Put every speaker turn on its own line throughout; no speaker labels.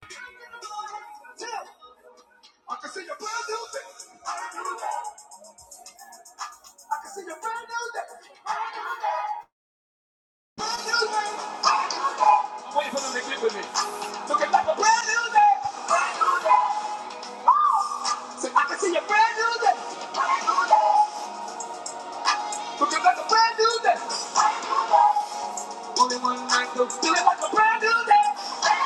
Tell I can see your brand new day. I can see your brand new day. Brand new day. Wait for them to get Looking like a brand new day. I can see your brand new day. Looking like a brand new day. Only one night to feel it like a brand new day.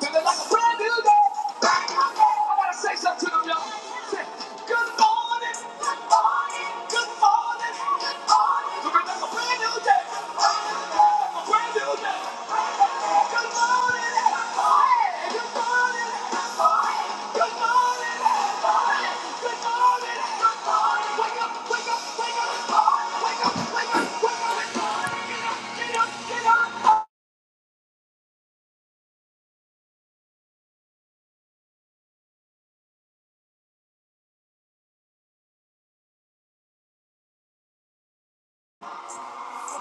Till it's like a brand new day. Brand new day. I gotta say something to them, y'all. Say, Good morning. Good morning. Good morning. Good morning. So it's like a brand new day. Brand new day. A brand new day. Good morning. Good morning. Good morning. Good morning. Good morning. Good morning. Good morning. Wake up, wake up, wake up. Wake up, it's morning. wake up, wake up. Wake up. it's morning. Get up, get up, get up. Good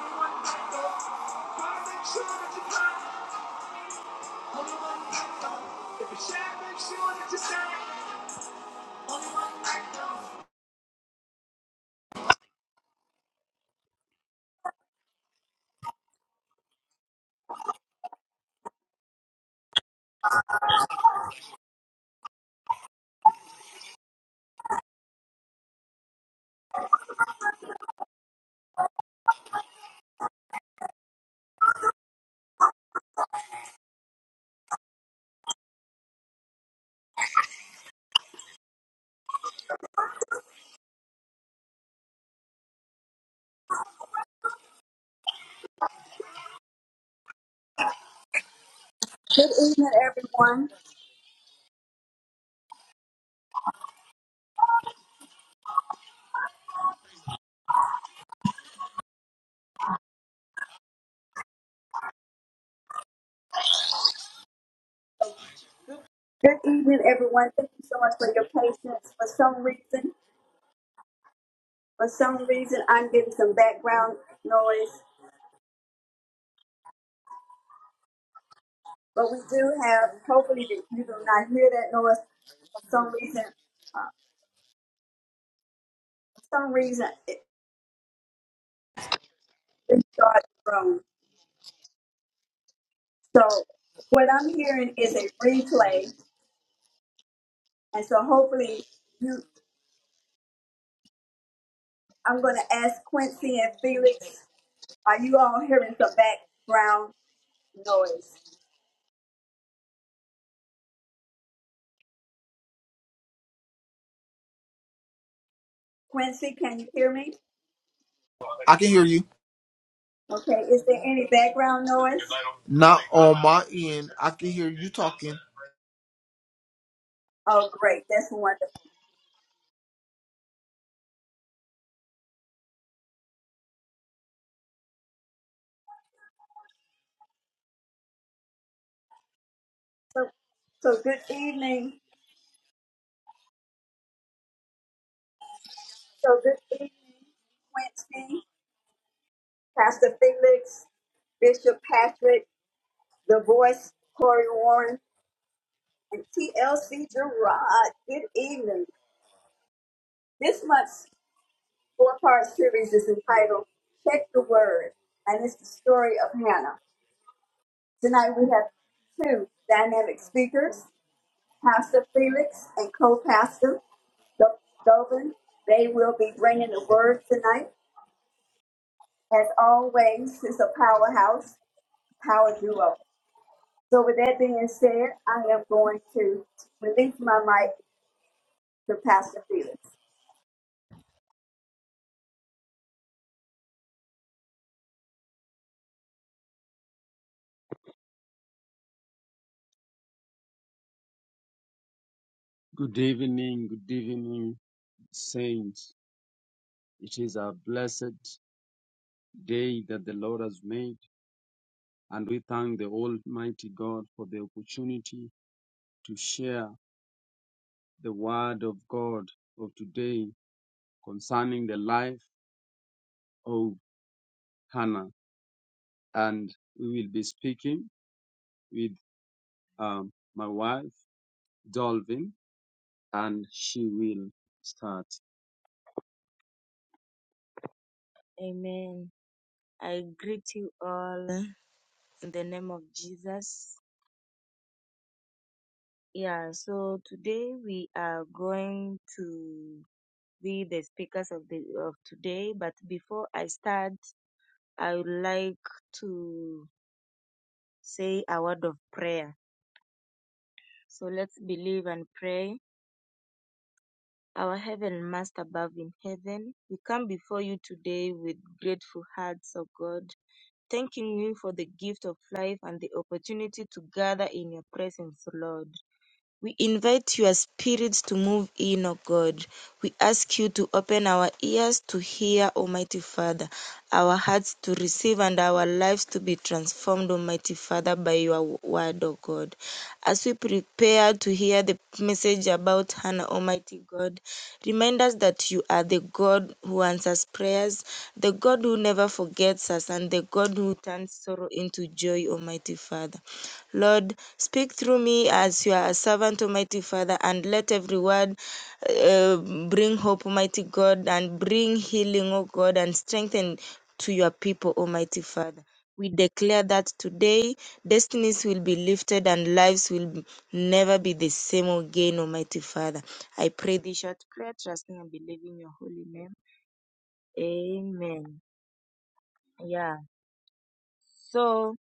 evening, everyone. Good evening, everyone. Thank you so much for your patience. For some reason, for some reason, I'm getting some background noise, but we do have. Hopefully, you you do not hear that noise. For some reason, uh, for some reason, it, it started wrong. So, what I'm hearing is a replay And so hopefully you, I'm going to ask Quincy and Felix, are you all hearing some background noise? Quincy, can you hear me?
I can hear you.
Okay, is there any background noise?
Not on my end. I can hear you talking.
Oh, great, that's wonderful. So, so good evening. So good evening, Quincy, Pastor Felix, Bishop Patrick, The Voice, Corey Warren, and TLC Gerard. Good evening. This much. four part series is entitled Check the Word, and it's the story of Hannah. Tonight we have two dynamic speakers, Pastor Felix and co pastor Dovin. They will be bringing the word tonight. As always, it's a powerhouse, power duo. So, with that being said, I am going to release my mic to Pastor Felix.
Good evening, good evening, saints. It is a blessed day that the Lord has made, and we thank the Almighty God for the opportunity to share the word of God of today concerning the life of Hannah. And we will be speaking with um, my wife, Dolvin, and she will start. Amen. I greet you all in the name of Jesus. Yeah, so today we are going to be the speakers of the of today, but before I start, I would like to say a word of prayer. So let's believe and pray. Our heaven master above in heaven, we come before you today with grateful hearts, O God, thanking you for the gift of life and the opportunity to gather in your presence, Lord. We invite your spirit to move in, O God. We ask you to open our ears to hear, Almighty Father, our hearts to receive, and our lives to be transformed, Almighty Father, by your word, O God. As we prepare to hear the message about Hannah, Almighty God, remind us that you are the God who answers prayers, the God who never forgets us, and the God who turns sorrow into joy, Almighty Father. Lord, speak through me as your servant, Almighty Father, and let every word uh, bring hope, Almighty God, and bring healing, O God, and strengthen to your people, Almighty Father. We declare that today destinies will be lifted and lives will never be the same again, Almighty Father. I pray this short prayer, trusting and believing your holy name. Amen. Yeah. So,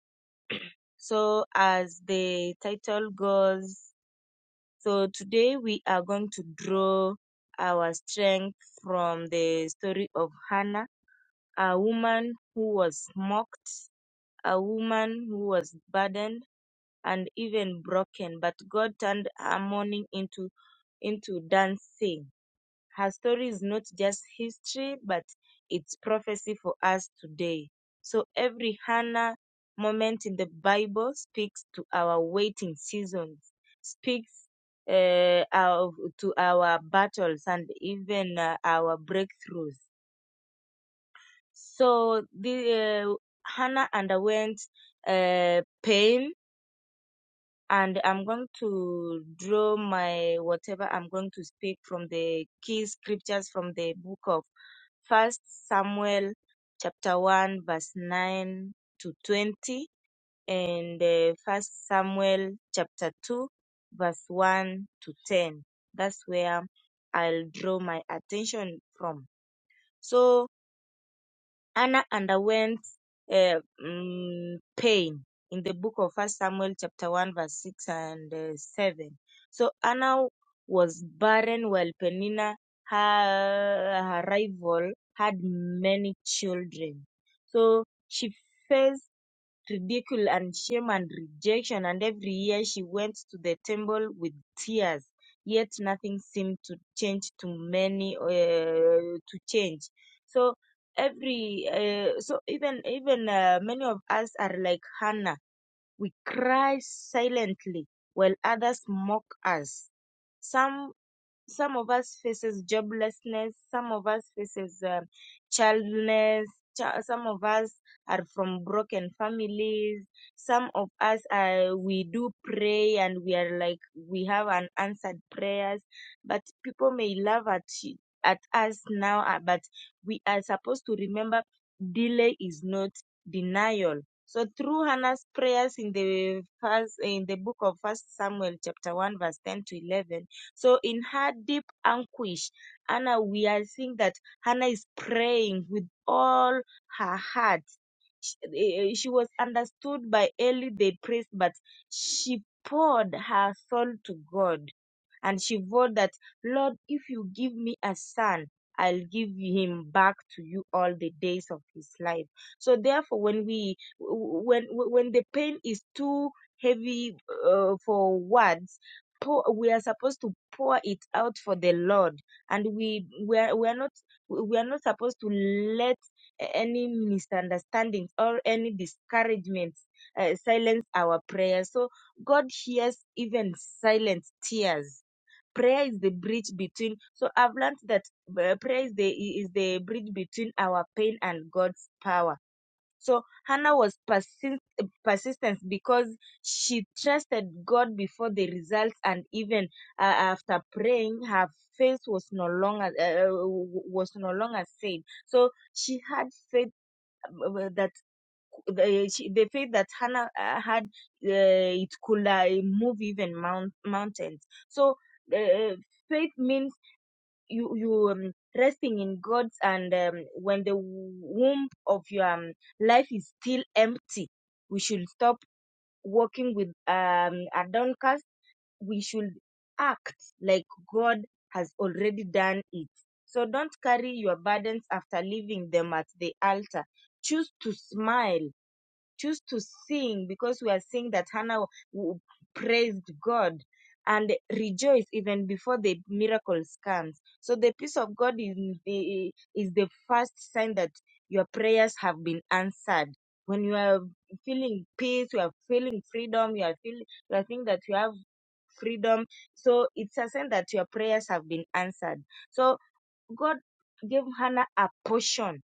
so as the title goes, So today we are going to draw our strength from the story of Hannah, a woman who was mocked, a woman who was burdened and even broken, but God turned her mourning into into dancing. Her story is not just history, but it's prophecy for us today. So every Hannah moment in the Bible speaks to our waiting seasons, speaks uh, our, to our battles and even uh, our breakthroughs. So the uh, Hannah underwent uh, pain, and I'm going to draw my whatever I'm going to speak from the key scriptures from the book of First Samuel chapter one verse nine to twenty and uh, First Samuel chapter two verse one to ten. That's where I'll draw my attention from. So Anna underwent uh, mm, pain in the book of First Samuel, chapter one, verse six and uh, seven. So Anna was barren, while Penina, her, her rival, had many children. So she faced ridicule and shame and rejection, and every year she went to the temple with tears. Yet nothing seemed to change to many uh, to change. So every uh, so even even uh, many of us are like Hannah. We cry silently while others mock us. Some some of us faces joblessness some of us faces um childless chi- some of us are from broken families some of us uh, we do pray and we are like we have unanswered prayers but people may laugh at y- at us now uh, but we are supposed to remember delay is not denial so through hannah's prayers in the first in the book of first samuel chapter 1 verse 10 to 11 so in her deep anguish, Hannah, we are seeing that Hannah is praying with all her heart. She, eh, eh, she was understood by early the priest, but she poured her soul to God. And she vowed that, Lord, if you give me a son, I'll give him back to you all the days of his life. So therefore, when we when when the pain is too heavy uh, for words, pour we are supposed to pour it out for the lord and we we are, we are not we are not supposed to let any misunderstandings or any discouragements uh, silence our prayer so god hears even silent tears prayer is the bridge between so i've learned that uh, prayer is the is the bridge between our pain and god's power so Hannah was persi- persistent because she trusted God before the results, and even uh, after praying, her faith was no longer uh, was no longer saved. So she had faith uh, that the, she, the faith that Hannah uh, had uh, it could uh, move even mount, mountains. So uh, faith means you you um, resting in God's and um, when the womb of your um, life is still empty, we should stop working with um a downcast. We should act like God has already done it. So don't carry your burdens after leaving them at the altar. Choose to smile choose to sing because we are seeing that Hannah w- praised God and rejoice even before the miracles comes. So the peace of God is the, is the first sign that your prayers have been answered. When you are feeling peace, you are feeling freedom, you are feeling you are feeling that you have freedom. So it's a sign that your prayers have been answered. So God gave Hannah a portion.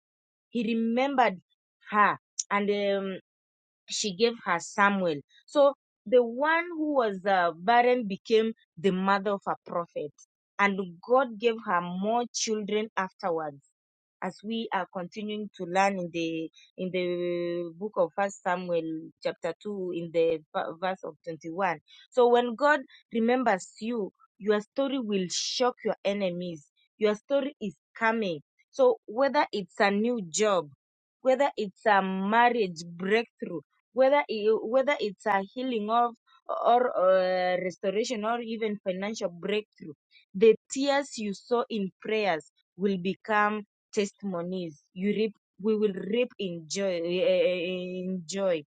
He remembered her. And um, she gave her Samuel. So the one who was uh, barren became the mother of a prophet, and God gave her more children afterwards as we are continuing to learn in the in the book of first samuel chapter 2 in the v- verse of 21 so when god remembers you your story will shock your enemies your story is coming so whether it's a new job whether it's a marriage breakthrough whether i- whether it's a healing of or uh, restoration or even financial breakthrough the tears you saw in prayers will become testimonies. You reap, we will reap in joy, eh, eh, eh, in joy.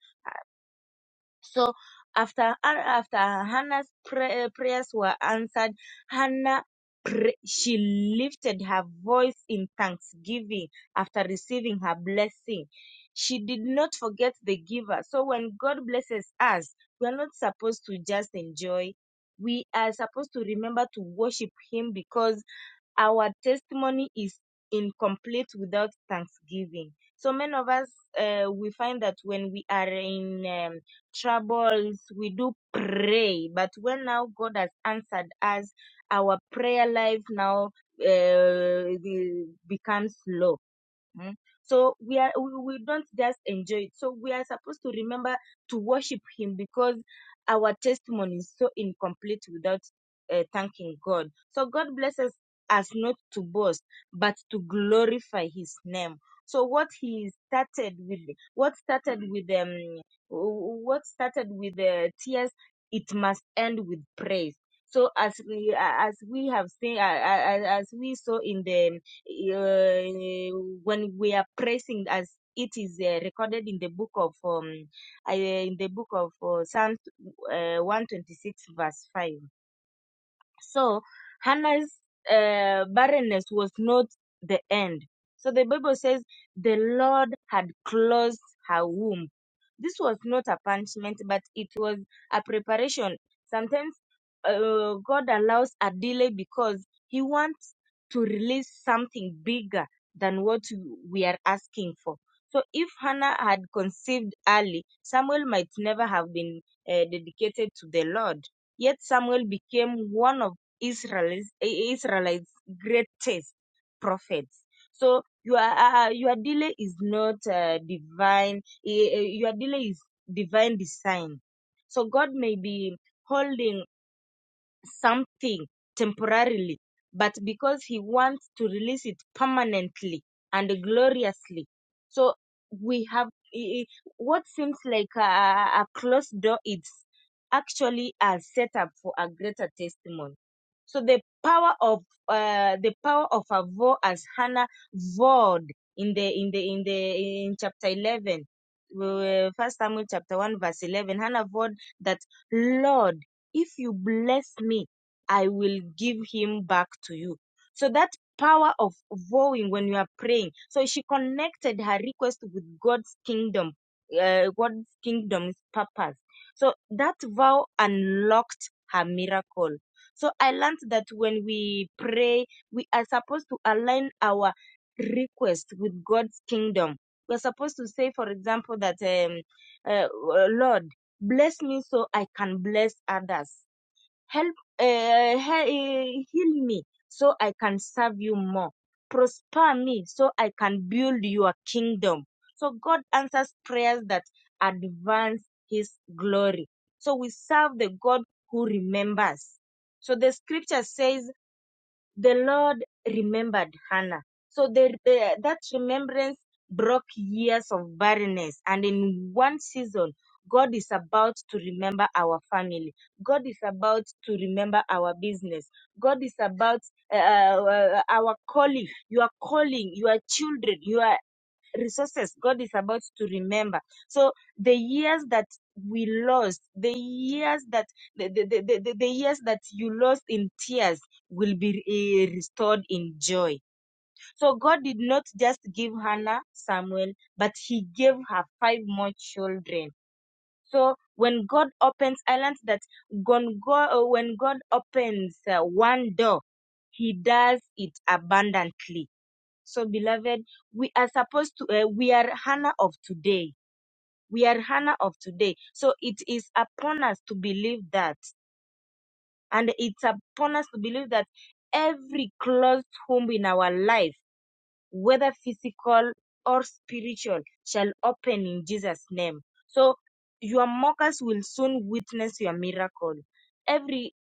So after after Hannah's pray, eh, prayers were answered, Hannah pray, she lifted her voice in thanksgiving after receiving her blessing. She did not forget the giver. So when God blesses us, we are not supposed to just enjoy. We are supposed to remember to worship Him because our testimony is incomplete without thanksgiving. So many of us, uh, we find that when we are in um, troubles, we do pray. But when now God has answered us, our prayer life now uh, the- becomes low. Mm. So we are we, we don't just enjoy it. So we are supposed to remember to worship Him because our testimony is so incomplete without uh, thanking God. So God blesses us not to boast, but to glorify His name. So what He started with, what started with um, what started with uh, tears, it must end with praise. So as we as we have seen, uh, as we saw in the uh, when we are praising as it is uh, recorded in the book of um, I- in the book of uh, Psalm uh, 126 verse 5 so Hannah's uh, barrenness was not the end. So the Bible says the Lord had closed her womb. This was not a punishment, but it was a preparation. Sometimes uh, God allows a delay because He wants to release something bigger than what we are asking for. So if Hannah had conceived early, Samuel might never have been uh, dedicated to the Lord Yet Samuel became one of Israel's Israel's greatest prophets. So your uh, uh, your delay is not uh, divine. eh, eh, Your delay is divine design. So God may be holding something temporarily, but because He wants to release it permanently and gloriously. So we have i- i- what seems like a, a closed door, it's actually a setup for a greater testimony. So the power of uh, the power of her vow as Hannah vowed in the in the in the in chapter eleven, uh, First Samuel chapter one verse eleven, Hannah vowed that Lord, if you bless me, I will give him back to you. So that power of vowing when you are praying. So she connected her request with God's kingdom, uh, God's kingdom's purpose. So that vow unlocked her miracle so I learned that when we pray, we are supposed to align our request with God's kingdom. We're supposed to say, for example, that um, uh, Lord, bless me so I can bless others. Help, uh, he- eh, heal me so I can serve you more. Prosper me so I can build your kingdom. So God answers prayers that advance his glory. So we serve the God who remembers. So the scripture says the Lord remembered Hannah. So the, the, that remembrance broke years of barrenness. And in one season, God is about to remember our family. God is about to remember our business. God is about uh, uh, uh, our calling, your calling, your children, your resources God is about to remember. So the years that we lost, the years that the, the, the, the, the the years that you lost in tears will be eh, restored in joy. So God did not just give Hannah Samuel, but He gave her five more children. So when God opens, I learned that gon- go- when God opens uh, one door, He does it abundantly so, beloved, we are supposed to, uh, we are Hannah of today. We are Hannah of today. So, it is upon us to believe that. And it's upon us to believe that every closed home in our life, whether physical or spiritual, shall open in Jesus' name. So your mockers will soon witness your miracle. Every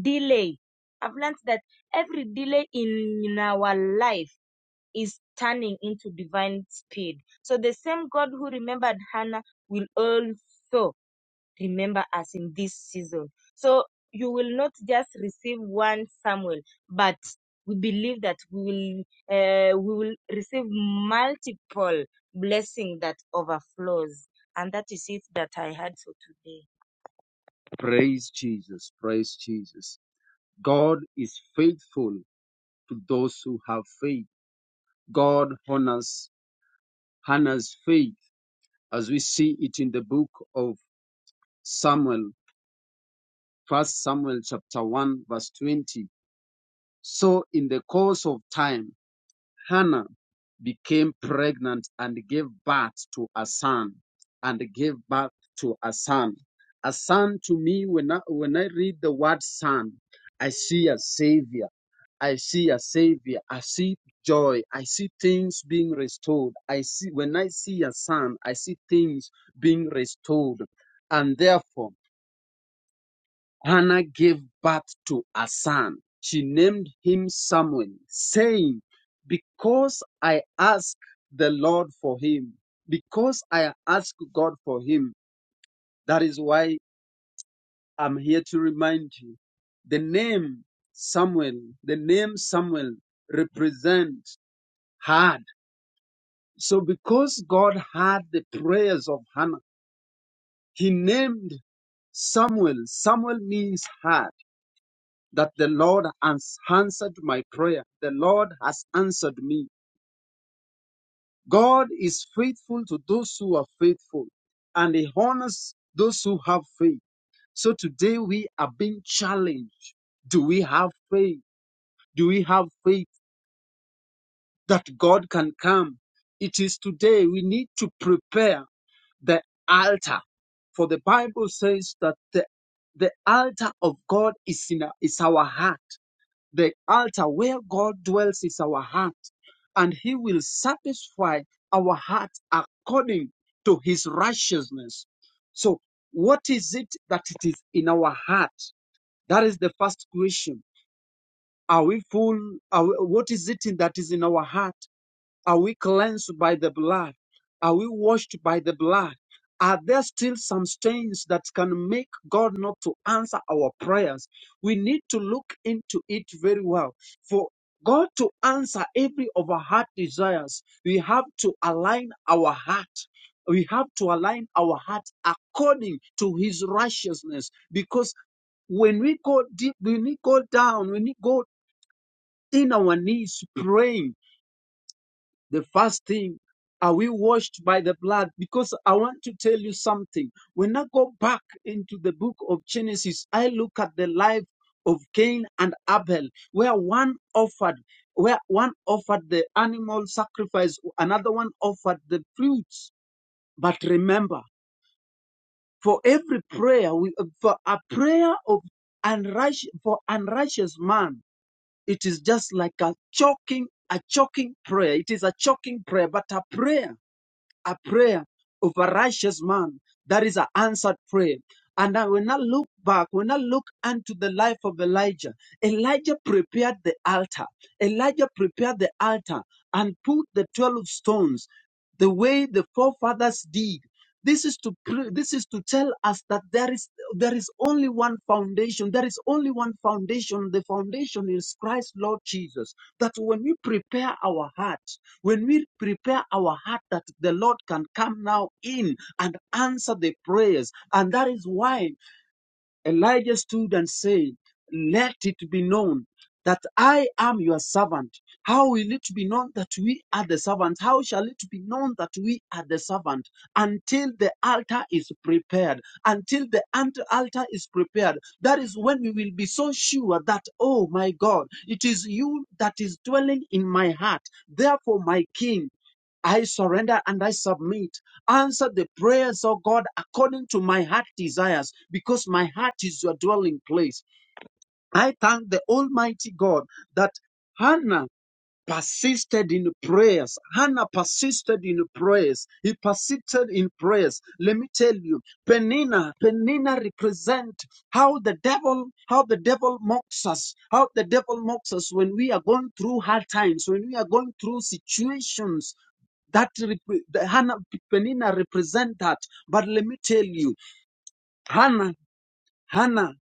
delay, I've learned that every delay in in our life is turning into divine speed. So the same God who remembered Hannah will also remember us in this season. So you will not just receive one Samuel, but we believe that we will uh, we will receive multiple blessing that overflows, and that is it that I had for today. Praise Jesus. Praise Jesus. God is faithful to those who have faith. God honors Hannah's faith as we see it in the book of Samuel, first Samuel chapter 1 verse 20. So, in the course of time, Hannah became pregnant and gave birth to a son, and gave birth to a son. A son to me, when I, when I read the word son, I see a savior. I see a savior. I see joy. I see things being restored. I see, when I see a son, I see things being restored. And therefore, Hannah gave birth to a son. She named him Samuel, saying, Because I asked the Lord for him, because I asked God for him, that is why I'm here to remind you. The name Samuel, the name Samuel represents hard. So because God heard the prayers of Hannah, he named Samuel. Samuel means hard. that the Lord has answered my prayer. The Lord has answered me. God is faithful to those who are faithful and he honors those who have faith. So today we are being challenged. Do we have faith? Do we have faith that God can come? It is today we need to prepare the altar. For the Bible says that the, the altar of God is in our- is our heart The altar where God dwells is our heart, and He will satisfy our heart according to His righteousness. So, what is it that it is in our heart? That is the first question. Are we full? Are we- what is it in- that is in our heart? Are we cleansed by the blood? Are we washed by the blood? Are there still some stains that can make God not to answer our prayers? We need to look into it very well. For God to answer every of our heart desires, we have to align our heart. We have to align our heart according to his righteousness because when we go deep, when we go down, when we go in our knees praying, the first thing are we washed by the blood because i want to tell you something when i go back into the book of genesis i look at the life of cain and abel where one offered where one offered the animal sacrifice another one offered the fruits but remember for every prayer we, for a prayer of unrighteous for unrighteous man it is just like a choking a choking prayer it is a choking prayer but a prayer a prayer of a righteous man. That is an answered prayer. And I will not look back, when I look unto the life of Elijah, Elijah prepared the altar. Elijah prepared the altar and put the 12 stones the way the forefathers did this is to pre- this is to tell us that there is there is only one foundation. There is only one foundation. The foundation is Christ, Lord Jesus. That when we prepare our heart, when we prepare our heart, that the Lord can come now in and answer the prayers. And that is why Elijah stood and said, Let it be known that I am your servant. How will it be known that we are the servants? How shall it be known that we are the servant? Until the altar is prepared. Until the ant- altar is prepared. That is when we will be so sure that, oh my God, it is you that is dwelling in my heart. Therefore, my King, I surrender and I submit. Answer the prayers, oh God, according to my heart desires, because my heart is your dwelling place. I thank the Almighty God that Hannah persisted in prayers. Hannah persisted in prayers. He persisted in prayers. Let me tell you, Penina, Penina represent how the devil, how the devil mocks us, how the devil mocks us when we are going through hard times, when we are going through situations that rep- the Hannah Penina represent that. But let me tell you, Hannah, Hannah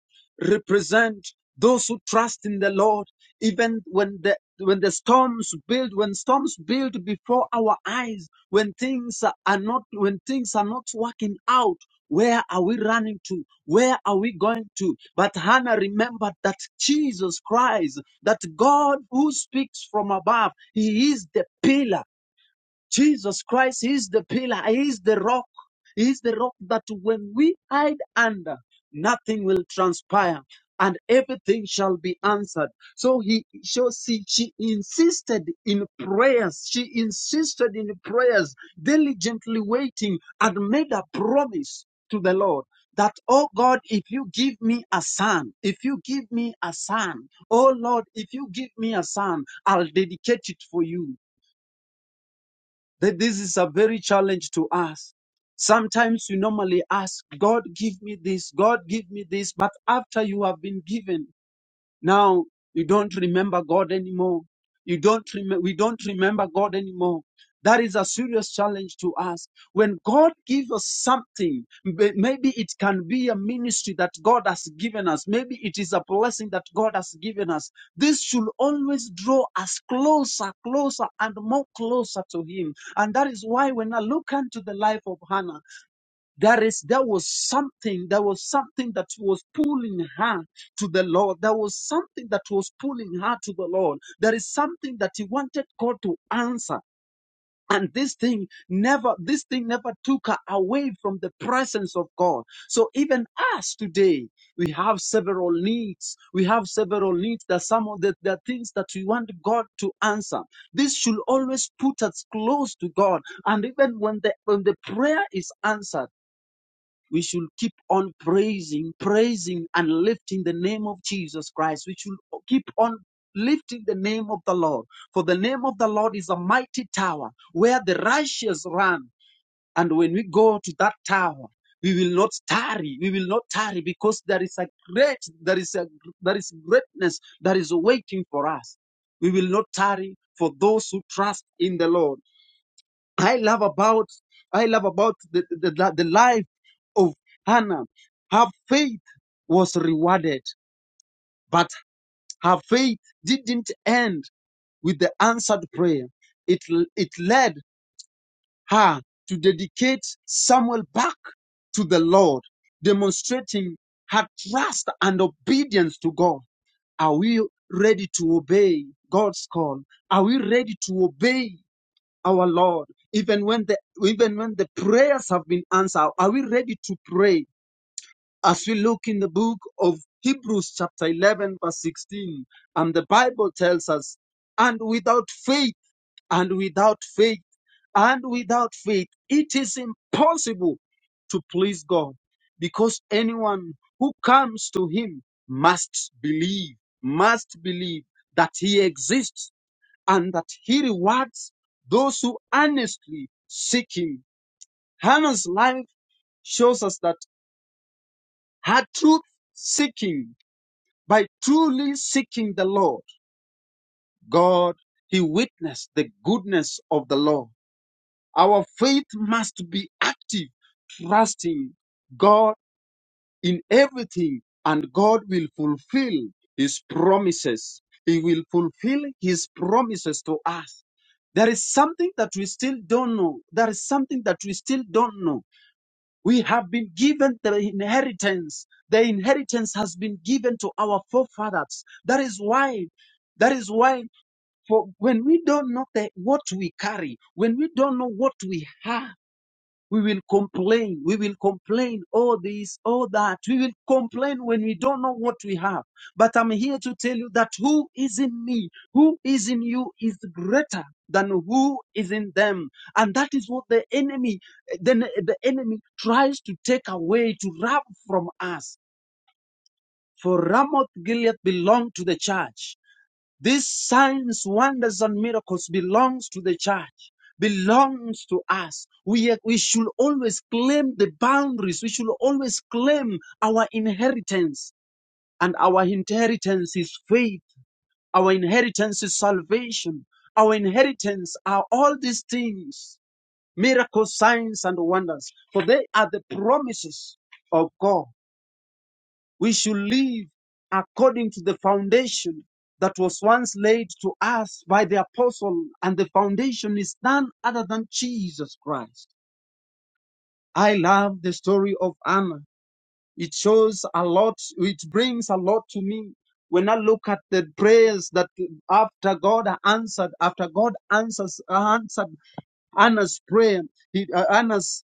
represent those who trust in the Lord, even when the when the storms build, when storms build before our eyes, when things are not when things are not working out, where are we running to? Where are we going to? But Hannah remembered that Jesus Christ, that God who speaks from above, He is the pillar. Jesus Christ is the pillar, He is the rock, He is the rock that when we hide under, nothing will transpire and everything shall be answered. So he so she, she insisted in prayers, she insisted in prayers, diligently waiting and made a promise to the Lord. That, oh God, if you give me a son, if you give me a son, oh Lord, if you give me a son, I'll dedicate it for you that this is a very challenge to us. Sometimes you normally ask, God, give me this, God, give me this, but after you have been given, now you don't remember God anymore. You don't rem- we don't remember God anymore. That is a serious challenge to us. When God gives us something, may- maybe it can be a ministry that God has given us. Maybe it is a blessing that God has given us. This should always draw us closer, closer, and more closer to Him. And that is why when I look into the life of Hannah, there is there was something, there was something that was pulling her to the Lord. There was something that was pulling her to the Lord. There is something that he wanted God to answer. And this thing never, this thing never took her away from the presence of God. So even us today, we have several needs. We have several needs that some of the, the things that we want God to answer. This should always put us close to God. And even when the when the prayer is answered we should keep on praising, praising and lifting the name of Jesus Christ. We should keep on lifting the name of the Lord. For the name of the Lord is a mighty tower where the righteous run. And when we go to that tower, we will not tarry. We will not tarry because there is a great, there is a, there is greatness that is waiting for us. We will not tarry for those who trust in the Lord. I love about I love about the, the, the the life of Hannah. Her faith was rewarded, but her faith didn't end with the answered prayer. It it led her to dedicate Samuel back to the Lord, demonstrating her trust and obedience to God. Are we ready to obey God's call? Are we ready to obey our Lord, even when the even when the prayers have been answered, are we ready to pray? As we look in the book of Hebrews chapter 11 verse 16, and the Bible tells us, and without faith, and without faith, and without faith, it is impossible to please God because anyone who comes to him must believe, must believe that he exists and that he rewards those who earnestly seek him. Hannah's life shows us that her truth seeking, by truly seeking the Lord, God, he witnessed the goodness of the Lord. Our faith must be active, trusting God in everything, and God will fulfill His promises. He will fulfill His promises to us. There is something that we still don't know. There is something that we still don't know. We have been given the inheritance. The inheritance has been given to our forefathers. That is why, that is why, for when we don't know the, what we carry, when we don't know what we have, we will complain. We will complain. All this, all that. We will complain when we don't know what we have. But I'm here to tell you that who is in me, who is in you is greater than who is in them. And that is what the enemy, then the enemy tries to take away, to rob from us. For Ramoth Gilead belonged to the church. These signs, wonders, and miracles belongs to the church, belongs to us. We, we should always claim the boundaries. We should always claim our inheritance. And our inheritance is faith. Our inheritance is salvation. Our inheritance are all these things, miracles, signs, and wonders. For they are the promises of God. We should live according to the foundation that was once laid to us by the apostle, and the foundation is none other than Jesus Christ. I love the story of Anna. It shows a lot, it brings a lot to me. When I look at the prayers that after God answered, after God answers answered Anna's prayer, he, uh, Anna's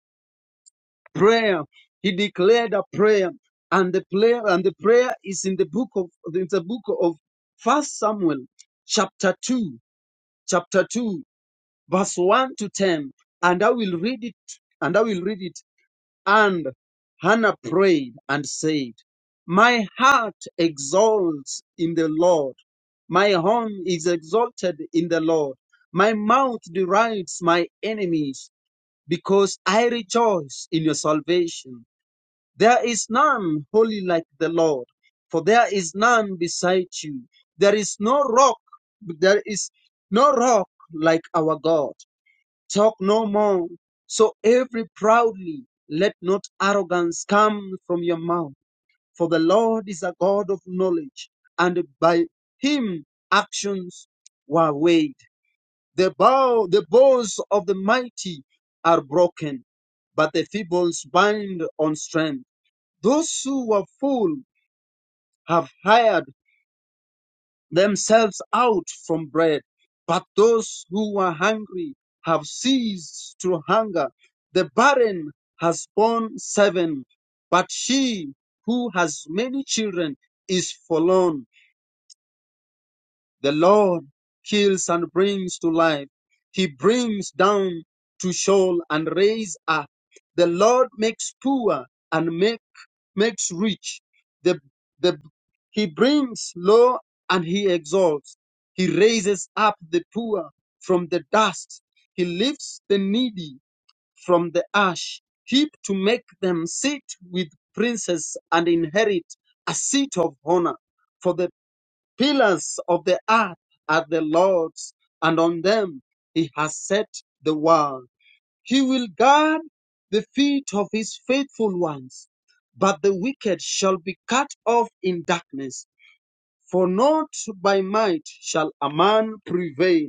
prayer. He declared a prayer, and the prayer and the prayer is in the book of in the book of First Samuel, chapter two, chapter two, verse one to ten. And I will read it. And I will read it. And Hannah prayed and said, "My heart exalts in the Lord. My horn is exalted in the Lord. My mouth derides my enemies." Because I rejoice in your salvation. There is none holy like the Lord, for there is none beside you. There is no rock, there is no rock like our God. Talk no more. So every proudly, let not arrogance come from your mouth, for the Lord is a God of knowledge, and by him actions were weighed. The bow, the bows of the mighty are broken, but the feebles bind on strength. Those who were full have hired themselves out from bread, but those who were hungry have ceased to hunger. The barren has borne seven, but she who has many children is forlorn. The Lord kills and brings to life. He brings down to shoal and raise up. The Lord makes poor and make, makes rich. The, the, he brings low and he exalts. He raises up the poor from the dust. He lifts the needy from the ash heap to make them sit with princes and inherit a seat of honor for the. Pillars of the earth are the Lord's, and on them he has set the world. He will guard the feet of his faithful ones, but the wicked shall be cut off in darkness. For not by might shall a man prevail.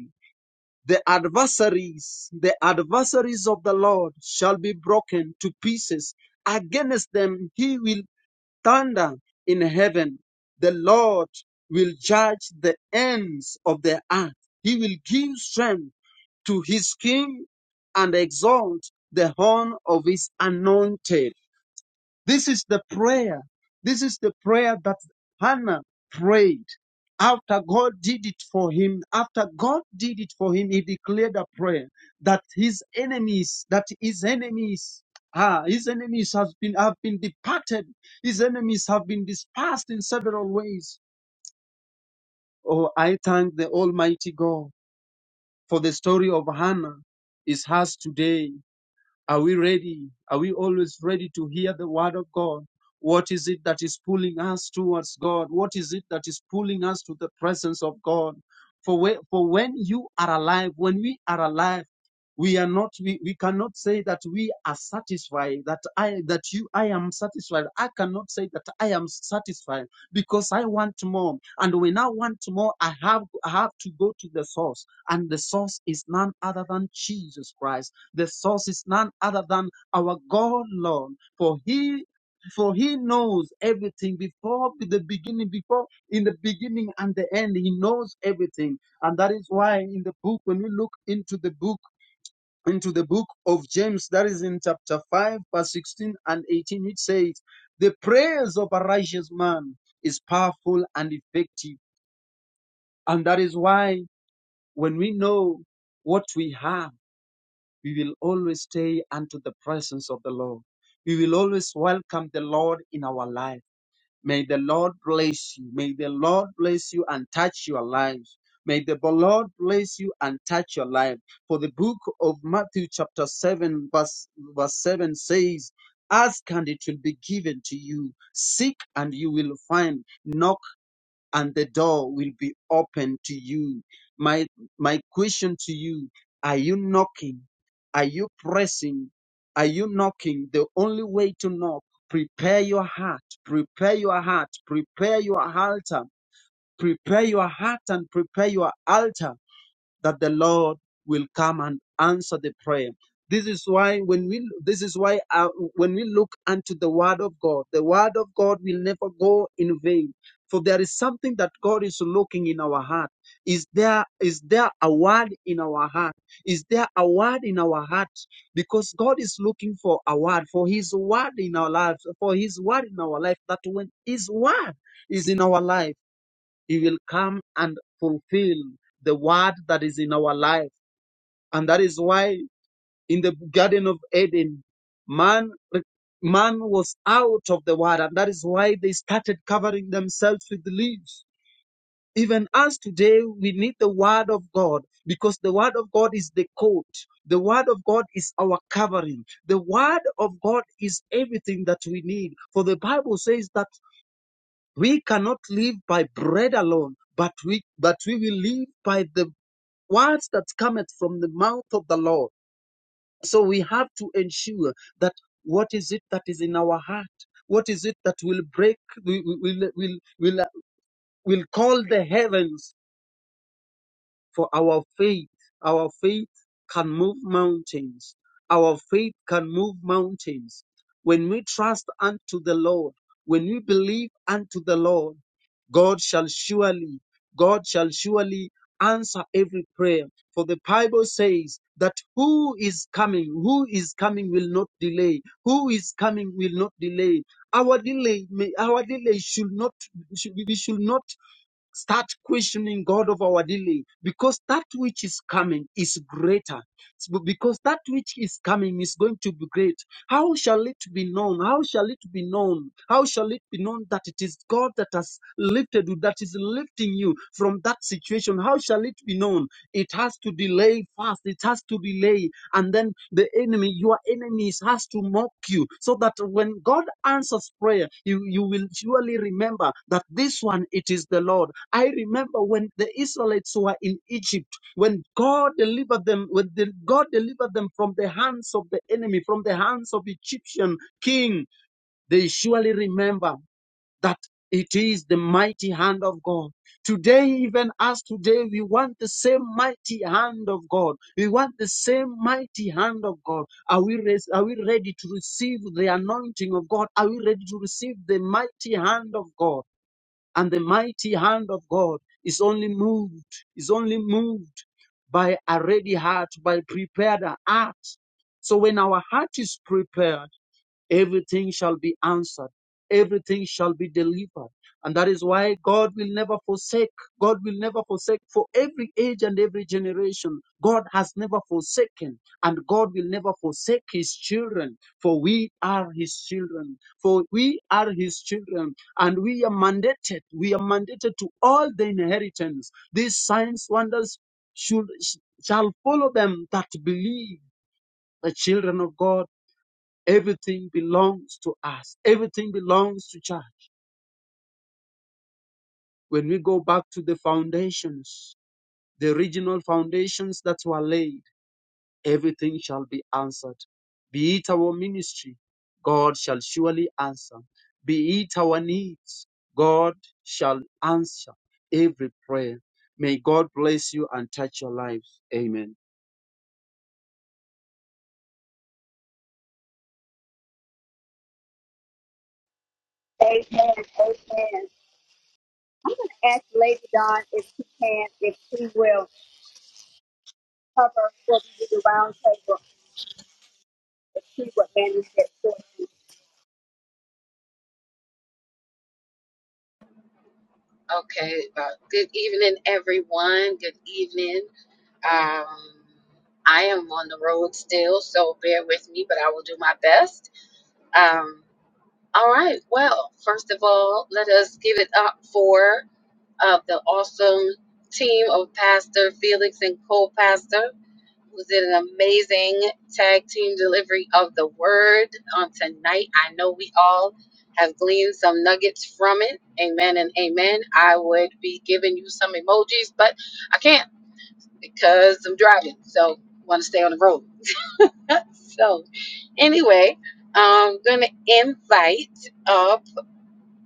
The adversaries, the adversaries of the Lord shall be broken to pieces. Against them he will thunder in heaven. The Lord will judge the ends of the earth. He will give strength to his king and exalt the horn of his anointed. This is the prayer. This is the prayer that Hannah prayed after God did it for him. After God did it for him, he declared a prayer that his enemies, that his enemies, ah, his enemies have been have been departed. His enemies have been dispersed in several ways. Oh, I thank the Almighty God for the story of Hannah is hers today. Are we ready? Are we always ready to hear the word of God? What is it that is pulling us towards God? What is it that is pulling us to the presence of God? For when, for when you are alive, when we are alive, we are not we, we cannot say that we are satisfied that i that you i am satisfied i cannot say that i am satisfied because i want more and when i want more i have i have to go to the source and the source is none other than jesus christ the source is none other than our God, Lord. For He for he knows everything before the beginning, before in the beginning and the end, he knows everything. And that is why in the book, when we look into the book, into the book of James, that is in chapter 5, verse 16 and 18, it says, The prayers of a righteous man is powerful and effective. And that is why when we know what we have, we will always stay unto the presence of the Lord. We will always welcome the Lord in our life. May the Lord bless you. May the Lord bless you and touch your lives. May the Lord bless you and touch your life. For the book of Matthew, chapter 7, verse, verse 7 says, Ask and it will be given to you. Seek and you will find. Knock." and the door will be open to you. My, my question to you, are you knocking? Are you pressing? Are you knocking? The only way to knock, prepare your heart, prepare your heart, prepare your altar, prepare your heart and prepare your altar that the Lord will come and answer the prayer. This is why when we this is why uh, when we look unto the word of God, the word of God will never go in vain. For there is something that God is looking in our heart. Is there is there a word in our heart? Is there a word in our heart? Because God is looking for a word, for His word in our lives, for His word in our life. That when His word is in our life he will come and fulfill the word that is in our life. And that is why in the Garden of Eden, man, man was out of the word. And that is why they started covering themselves with leaves. Even us today, we need the word of God because the word of God is the coat. The word of God is our covering. The word of God is everything that we need. For the Bible says that we cannot live by bread alone, but we but we will live by the words that cometh from the mouth of the Lord. So we have to ensure that what is it that is in our heart? What is it that will break, will, will, will, will, will call the heavens for our faith, our faith can move mountains. Our faith can move mountains. When we trust unto the Lord, when we believe unto the Lord, God shall surely, God shall surely answer every prayer. For the Bible says that who is coming, who is coming will not delay. Who is coming will not delay. Our delay, may, our delay should not, should, we should not Start questioning God of our dealing because that which is coming is greater. It's Because that which is coming is going to be great. How shall it be known? How shall it be known? How shall it be known that it is God that has lifted you, that is lifting you from that situation? How shall it be known? It has to delay fast. It has to delay. And then the enemy, your enemies, has to mock you. So that when God answers prayer, you, you will surely remember that this one, it is the Lord. I remember when the Israelites were in Egypt, when God delivered them, when the, God delivered them from the hands of the enemy, from the hands of Egyptian king, they surely remember that it is the mighty hand of God. Today, even as today, we want the same mighty hand of God. We want the same mighty hand of God. Are we, res- are we ready to receive the anointing of God? Are we ready to receive the mighty hand of God? And the mighty hand of God is only moved, is only moved by a ready heart, by prepared heart. So when our heart is prepared, Everything shall be answered. Everything shall be delivered. And that is why God will never forsake. God will never forsake for every age and every generation. God has never forsaken and God will never forsake his children for we are his children. For we are his children and we are mandated. We are mandated to all the inheritance. These signs, wonders should, shall follow them that believe the children of God Everything belongs to us. Everything belongs to church. When we go back to the foundations, the original foundations that were laid, everything shall be answered. Be it our ministry, God shall surely answer. Be it our needs, God shall answer every prayer. May God bless you and touch your lives. Amen.
Amen. Amen. Ask Lady Dawn if she can, if she will. cover for the round table, to see what manuscript for you.
Okay, uh, good evening, everyone. Good evening. Um, I am on the road still, so bear with me, but I will do my best. Um, all right, well, first of all, let us give it up for uh, the awesome team of Pastor Felix and co pastor who did an amazing tag team delivery of the word on tonight. I know we all have gleaned some nuggets from it. Amen and amen. I would be giving you some emojis, but I can't because I'm driving. So want to stay on the road. so anyway, I'm gonna invite up.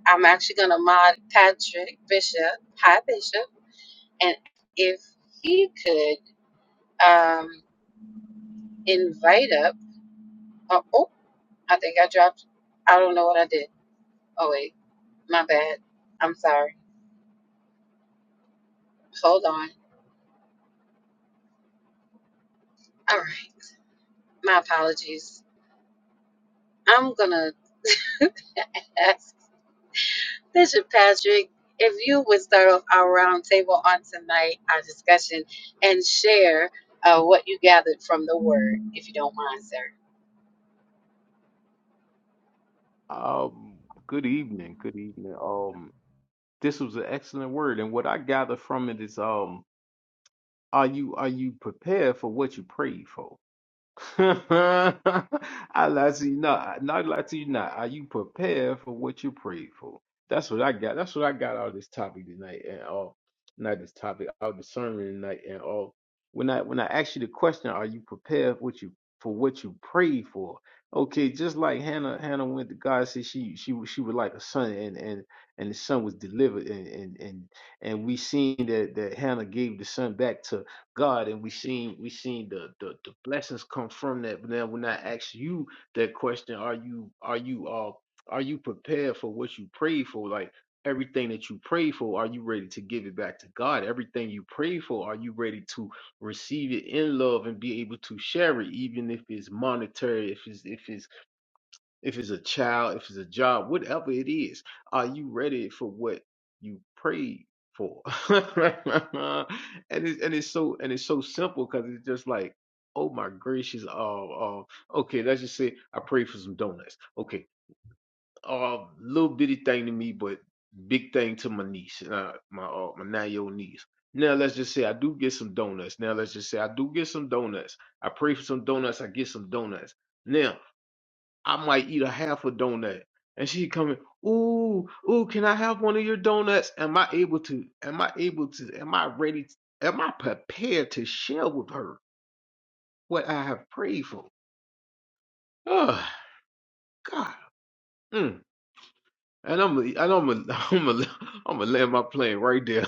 I'm actually gonna mod Patrick Bishop. Hi Bishop. And if he could um invite up. Uh, oh, I think I dropped. I don't know what I did. Oh wait, my bad. I'm sorry. Hold on. All right, my apologies. I'm gonna ask Bishop Patrick if you would start off our roundtable on tonight, our discussion, and share uh, what you gathered from the Word, if you don't mind, sir.
Um, good evening. Good evening. Um, this was an excellent word, and what I gather from it is, um, are you are you prepared for what you prayed for? I lie to you not. Not lie to you not. Are you prepared for what you prayed for? That's what I got. That's what I got out of this topic tonight and all. Not this topic, out of the sermon tonight and all. When I when I ask you the question, are you prepared for what you for what you prayed for? Okay, just like Hannah, Hannah went to God, said she she she was like a son, and and and the son was delivered, and and and and we seen that that Hannah gave the son back to. God, and we seen we seen the, the the blessings come from that. But now, when I ask you that question, are you are you uh are you prepared for what you prayed for? Like everything that you prayed for, are you ready to give it back to God? Everything you prayed for, are you ready to receive it in love and be able to share it, even if it's monetary, if it's if it's if it's a child, if it's a job, whatever it is, are you ready for what you prayed for? and it's and it's so and it's so simple because it's just like, oh my gracious, oh, oh, okay, let's just say I prayed for some donuts. Okay, uh, little bitty thing to me, but big thing to my niece, uh, my uh, my nine year old niece. Now let's just say I do get some donuts. Now let's just say I do get some donuts. I pray for some donuts. I get some donuts. Now. I might eat a half a donut. And she coming, ooh, ooh, can I have one of your donuts? Am I able to? Am I able to? Am I ready? am I prepared to share with her what I have prayed for? Oh God. Mm. And I'm and I'm a, I'm a, I'm gonna land my plane right there.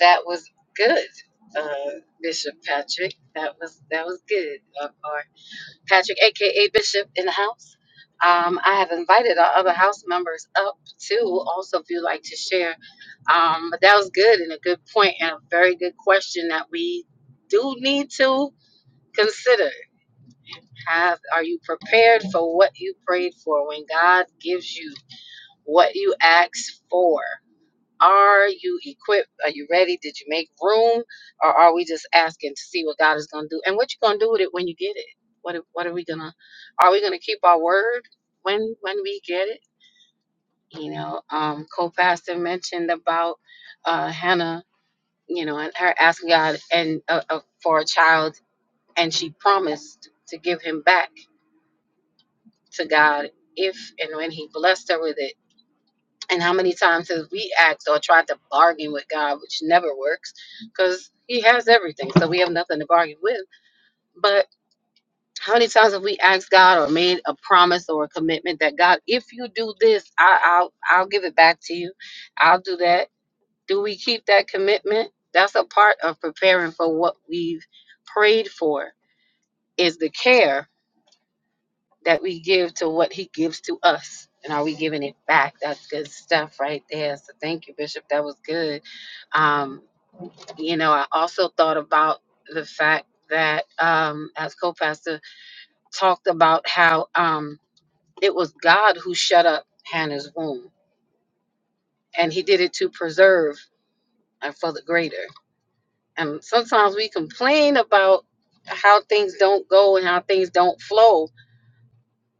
That was good, uh, Bishop Patrick. That was that was good. Uh, or Patrick, aka Bishop, in the house. Um, I have invited our other house members up too, also if you'd like to share. Um, but that was good and a good point and a very good question that we do need to consider. Have are you prepared for what you prayed for when God gives you what you asked for? Are you equipped? Are you ready? Did you make room? Or are we just asking to see what God is gonna do? And what you gonna do with it when you get it? What what are we gonna are we gonna keep our word when when we get it? You know, um co-pastor mentioned about uh Hannah, you know, and her asking God and uh, uh, for a child and she promised to give him back to God if and when he blessed her with it And how many times have we asked or tried to bargain with God, which never works because He has everything, so we have nothing to bargain with. But how many times have we asked God or made a promise or a commitment that God, if you do this, I, I'll I'll give it back to you. I'll do that. Do we keep that commitment? That's a part of preparing for what we've prayed for. Is the care that we give to what He gives to us, and are we giving it back? That's good stuff right there. So thank you, Bishop. That was good Um, you know, I also thought about the fact that, um, as co pastor talked about how um, it was God who shut up Hannah's womb, and he did it to preserve and for the greater. And sometimes we complain about how things don't go and how things don't flow,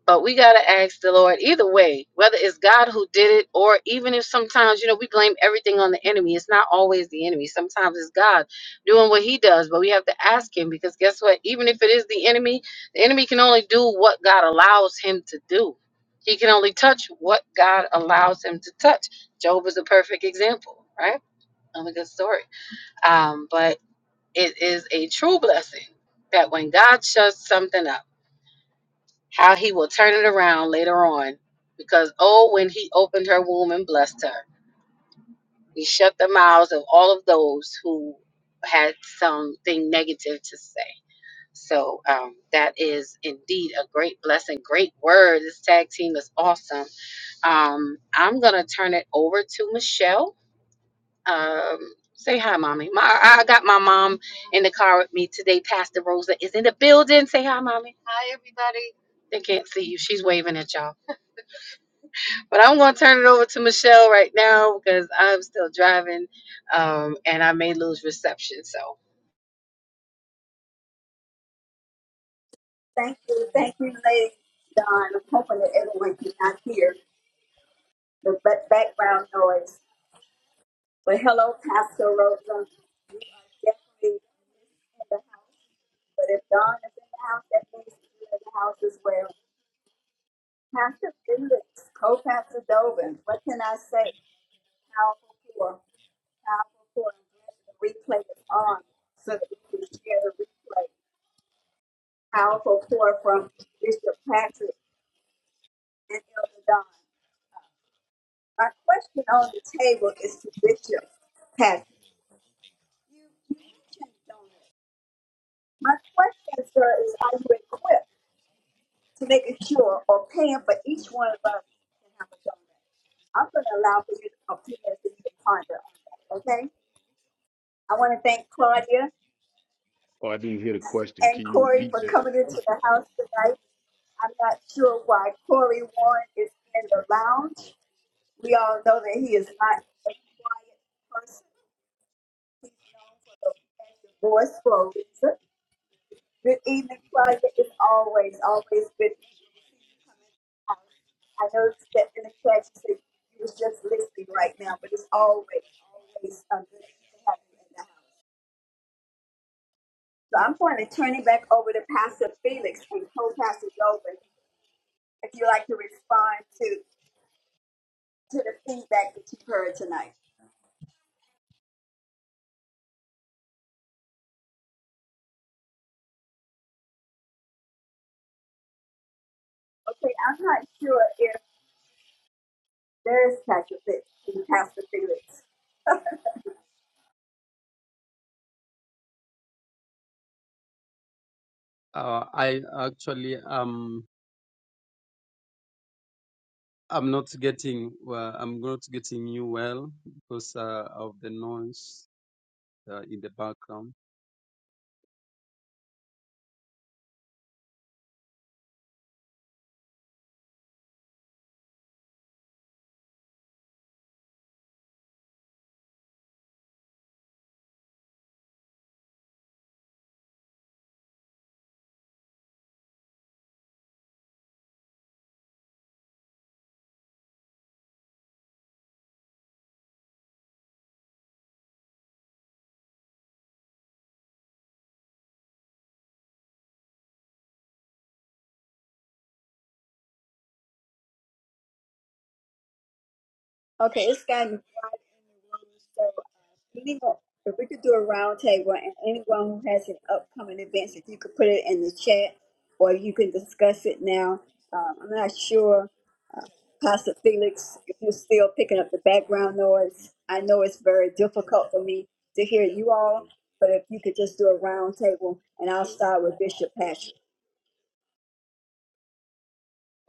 But we got to ask the Lord either way, whether it's God who did it, or even if sometimes, you know, we blame everything on the enemy. It's not always the enemy. Sometimes it's God doing what he does, but we have to ask him because guess what? Even if it is the enemy, the enemy can only do what God allows him to do. He can only touch what God allows him to touch. Job is a perfect example, right? Another good story. Um, but it is a true blessing that when God shuts something up, how he will turn it around later on. Because oh, when he opened her womb and blessed her, he shut the mouths of all of those who had something negative to say. So um, that is indeed a great blessing, great word. This tag team is awesome. Um, I'm gonna turn it over to Michelle. Um, say hi, mommy. My, I got my mom in the car with me today. Pastor Rosa is in the building. Say hi, mommy. Hi, everybody. They can't see you. She's waving at y'all. But I'm going to turn it over to Michelle right now because I'm still driving, um, and I may lose reception. So,
Thank you, thank you, Lady Don. I'm hoping that everyone can not hear the ba- background noise. But hello, Pastor Rosa. You are definitely in the house. But if Don is in the house, that means you're in the house as well. Pastor Felix, co-pastor Dovin, what can I say? Powerful poor, powerful poor. I'm glad the replay is on so that we can share the replay. powerful pour from Bishop Patrick and Elder Don. My question on the table is to Bishop Patrick. You mentioned donors. My question, sir, is are you equipped to making sure or paying for each one of us to have a donor? I'm going to allow for you to opinions and you to ponder on that, okay? I want to thank Claudia
Oh, I didn't hear the question.
and
Can you
Corey
repeat
for
that?
coming into the house tonight. I'm not sure why Corey Warren is in the lounge, We all know that he is not a quiet person. He's known for the as the voice for a reason. Good evening, Claudia. It's always, always good to see you come in the house. I noticed that in the chat you said you was just listening right now, but it's always, always a good to have you in the house. So I'm going to turn it back over to Pastor Felix and co-pastor Golden if you'd like to respond to to the feedback that you've heard tonight. Okay, I'm not sure if There is Pastor Felix. Pastor Felix.
Uh, I actually am I'm not getting well, I'm not getting you well because uh, of the noise uh, in the background.
Okay, it's gotten wide in the room. So, uh, anyone, if we could do a round table and anyone who has an upcoming event, if you could put it in the chat or you can discuss it now. Um, I'm not sure, uh, Pastor Felix, if you're still picking up the background noise. I know it's very difficult for me to hear you all, but if you could just do a round table and I'll start with Bishop Patrick.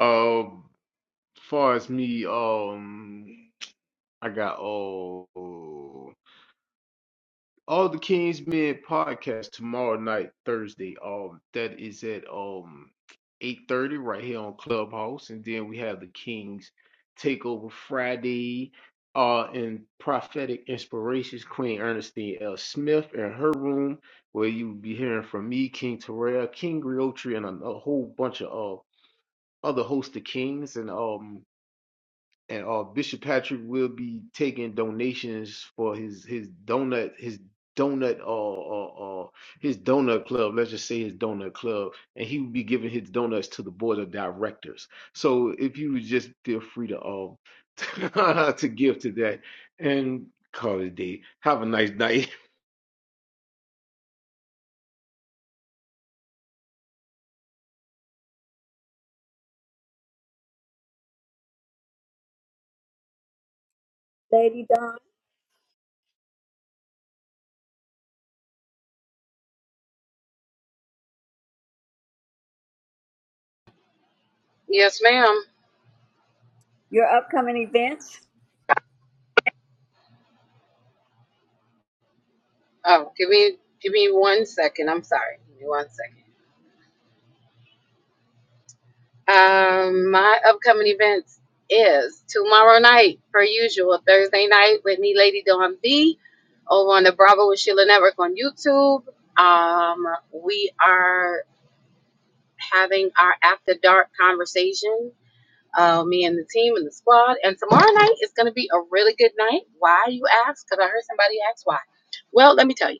Um, far as me, um, I got oh. All the Kings Men podcast tomorrow night, Thursday. Um, that is at um eight thirty right here on Clubhouse, and then we have the Kings Takeover Friday. Uh, and prophetic inspirations, Queen Ernestine L. Smith in her room, where you will be hearing from me, King Terrell, King Griotri, and a, a whole bunch of uh, other host of kings. And um, and uh, Bishop Patrick will be taking donations for his his donut his donut uh, uh, uh his donut club. Let's just say his donut club, and he will be giving his donuts to the board of directors. So if you would just feel free to um to give to that and call it a day. Have a nice night.
Lady Dawn,
yes, ma'am.
your upcoming events?
Oh, give me give me one second. I'm sorry. Give me one second. Um, my upcoming events is tomorrow night, per usual, Thursday night with me, Lady Dawn B, over on the Bravo with Sheila Network on YouTube. Um, we are having our after dark conversation uh, me and the team and the squad. And tomorrow night is going to be a really good night. Why, you ask? Because I heard somebody ask why. Well, let me tell you,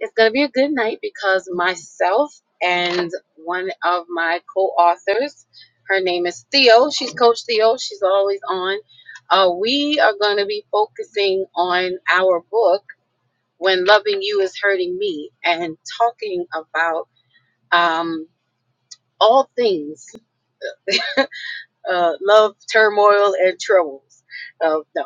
it's going to be a good night because myself and one of my co authors, her name is Theo. She's Coach Theo, she's always on. Uh, we are going to be focusing on our book, When Loving You Is Hurting Me, and talking about um, all things uh, love, turmoil, and troubles. Uh, no.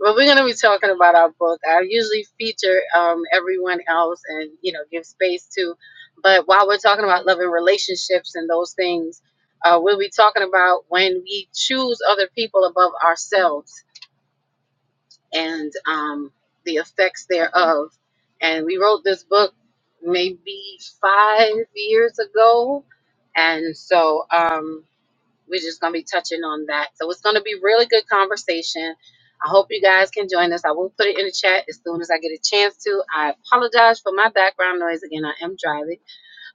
Well, we're going to be talking about our book. I usually feature um, everyone else and you know give space to, but while we're talking about love and relationships and those things, uh, we'll be talking about when we choose other people above ourselves and um, the effects thereof. And we wrote this book maybe five years ago, and so. Um, we're just going to be touching on that. So it's going to be really good conversation. I hope you guys can join us. I will put it in the chat as soon as I get a chance to. I apologize for my background noise. Again, I am driving.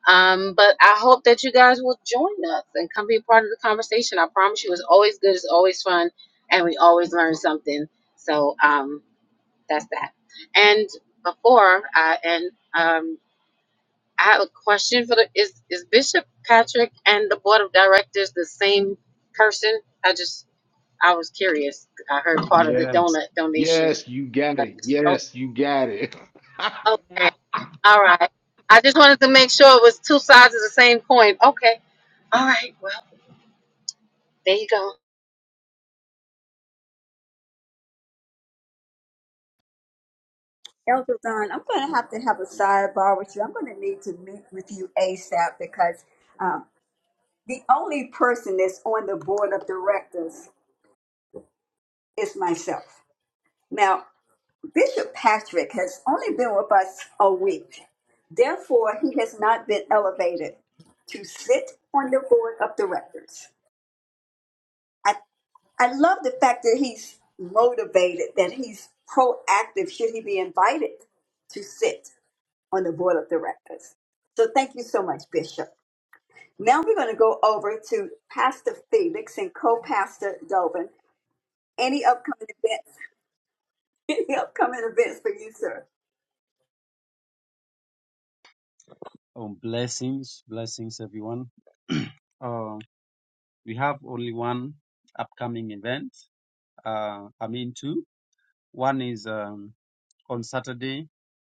Um, but I hope that you guys will join us and come be a part of the conversation. I promise you, it's always good, it's always fun, and we always learn something. So um, that's that. And before I end. um, I have a question for the is is Bishop Patrick and the board of directors the same person? I just I was curious. I heard part of the
Yes,
donut donation.
yes, you got
I
it.
just- Oh,
Yes, you got it.
okay, all right. I just wanted to make sure it was two sides of the same coin. Okay, all right. Well, there you go.
Elder Don, I'm going to have to have a sidebar with you. I'm going to need to meet with you ASAP because um, the only person that's on the board of directors is myself. Now, Bishop Patrick has only been with us a week. Therefore, he has not been elevated to sit on the board of directors. I, I love the fact that he's motivated, that he's proactive should he be invited to sit. on the board of directors. So thank you so much, Bishop. Now we're going to go over to Pastor Felix and co-pastor Dobin. Any upcoming events? Any upcoming events for you, sir?
Um, blessings, blessings, everyone. uh, we have only one upcoming event. Uh, I mean two. One is um, on Saturday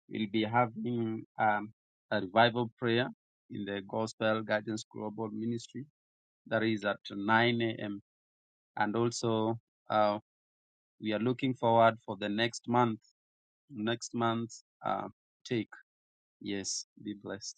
we'll be having um, a revival prayer in the Gospel Guidance Global Ministry. That is at 9 a.m. And also uh, we are looking forward for the next month next month uh, take. Yes, be blessed.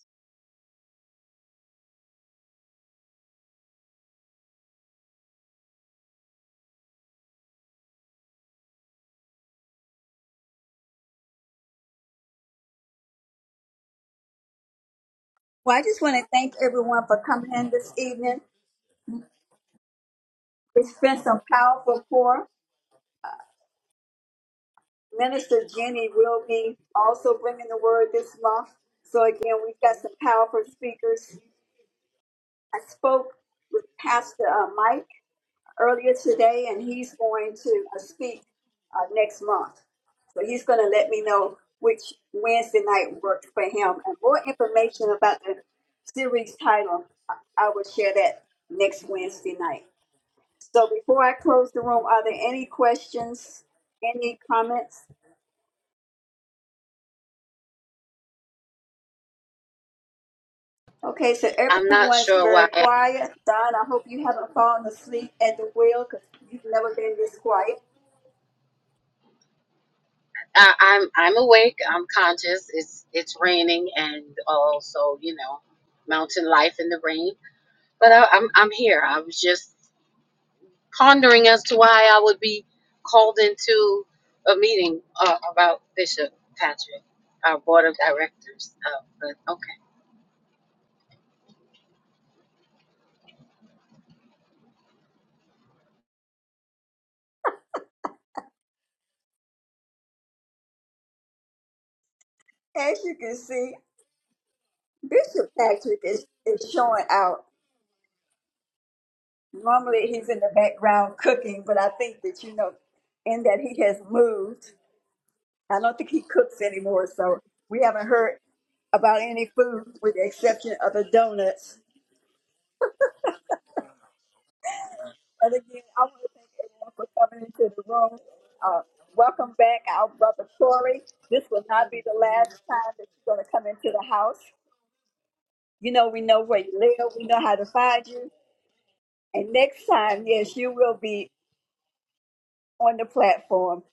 Well, I just want to thank everyone for coming in this evening. It's been some powerful pour. Minister Jenny will be also bringing the word this month. So again, we've got some powerful speakers. I spoke with Pastor uh, Mike. earlier today, and he's going to uh, speak uh, next month. So he's going to let me know which Wednesday night works for him. And more information about the series title, I I will share that next Wednesday night. So before I close the room, are there any questions, any comments? Okay, so
I'm not
everyone's
sure
very
why.
quiet. Don, I hope you haven't fallen asleep at the wheel because you've never been this quiet.
I, I'm I'm awake. I'm conscious. It's it's raining and also you know mountain life in the rain. But I, I'm I'm here. I was just pondering as to why I would be called into a meeting uh, about Bishop Patrick, our board of directors. Uh, but okay,
As you can see, Bishop Patrick is, is showing out. Normally he's in the background cooking, but I think that, you know, in that he has moved, I don't think he cooks anymore. So we haven't heard about any food with the exception of the donuts. But again, I want to thank everyone for coming into the room. Uh, welcome back, our brother Corey. This will not be the last time that you're going to come into the house. You know, we know where you live, we know how to find you. And next time, yes, you will be on the platform.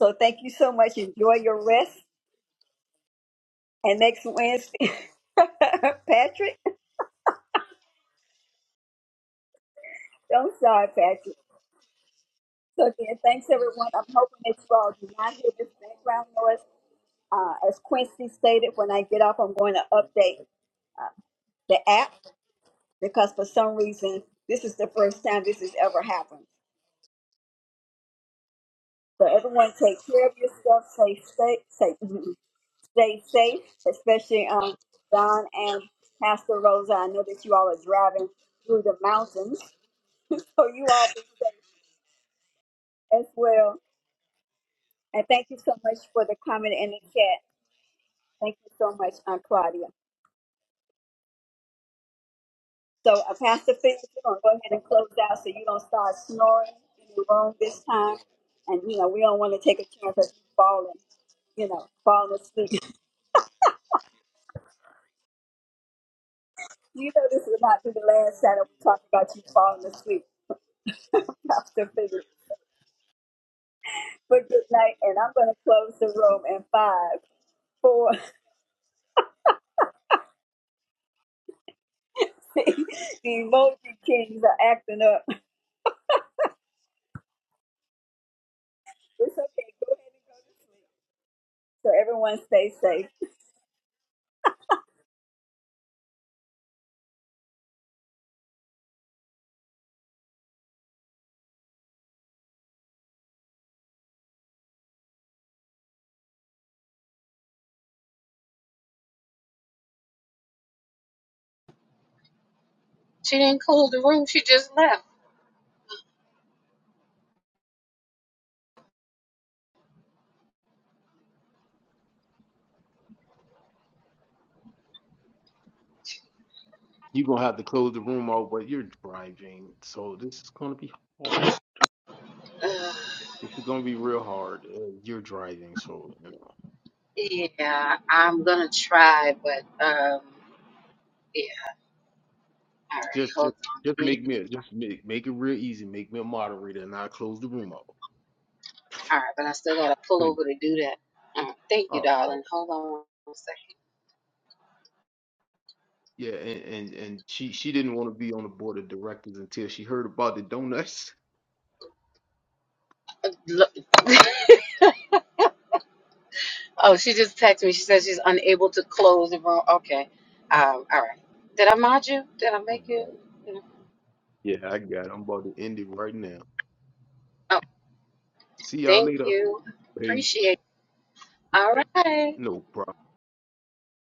So thank you so much. Enjoy your rest. And next Wednesday, Patrick, I'm sorry, Patrick. So again, thanks everyone. I'm hoping that you all do not hear this background noise. Uh, as Quincy stated, when I get off, I'm going to update uh, the app because for some reason, this is the first time this has ever happened. So everyone take care of yourself. Stay safe. Safe. stay safe, especially um, Don and Pastor Rosa. I know that you all are driving through the mountains, so you all be safe as well. And thank you so much for the comment in the chat. Thank you so much, Aunt Claudia. So, uh, Pastor Felix, we're going to go ahead and close out so you don't start snoring in the room this time. And, you know, we don't want to take a chance of you falling, you know, falling asleep. You know, this will not be the last time that we talk about you falling asleep, Pastor Felix. for good night, and I'm going to close the room in five, four. the emoji kings are acting up. It's okay. Go ahead and go to sleep. So everyone stay safe.
she didn't call the room; she just left.
You're gonna have to close the room out, but you're driving, so this is gonna be hard.
Ugh,
This is gonna be real hard. Uh, you're driving, so you know.
yeah, I'm gonna try, but um, yeah. All right,
just just
hold on. Let
just
me.
make me a- just make make it real easy. Make me a moderator, and I will close the room out.
All right, but I still gotta pull
Please.
over to do that. All right, thank you,
Oh no.
darling. Hold on. one second.
Yeah, and, and and she she didn't want to be on the board of directors until she heard about the donuts.
Look. Oh, she just texted me. She says she's unable to close the room. Okay. Um, all right. Did I mod you? Did I
I
make you?
got it. Yeah, I got it. I'm about to end it right now.
Oh,
See y'all
thank
later.
you.
Peace.
Appreciate it. All right.
No problem.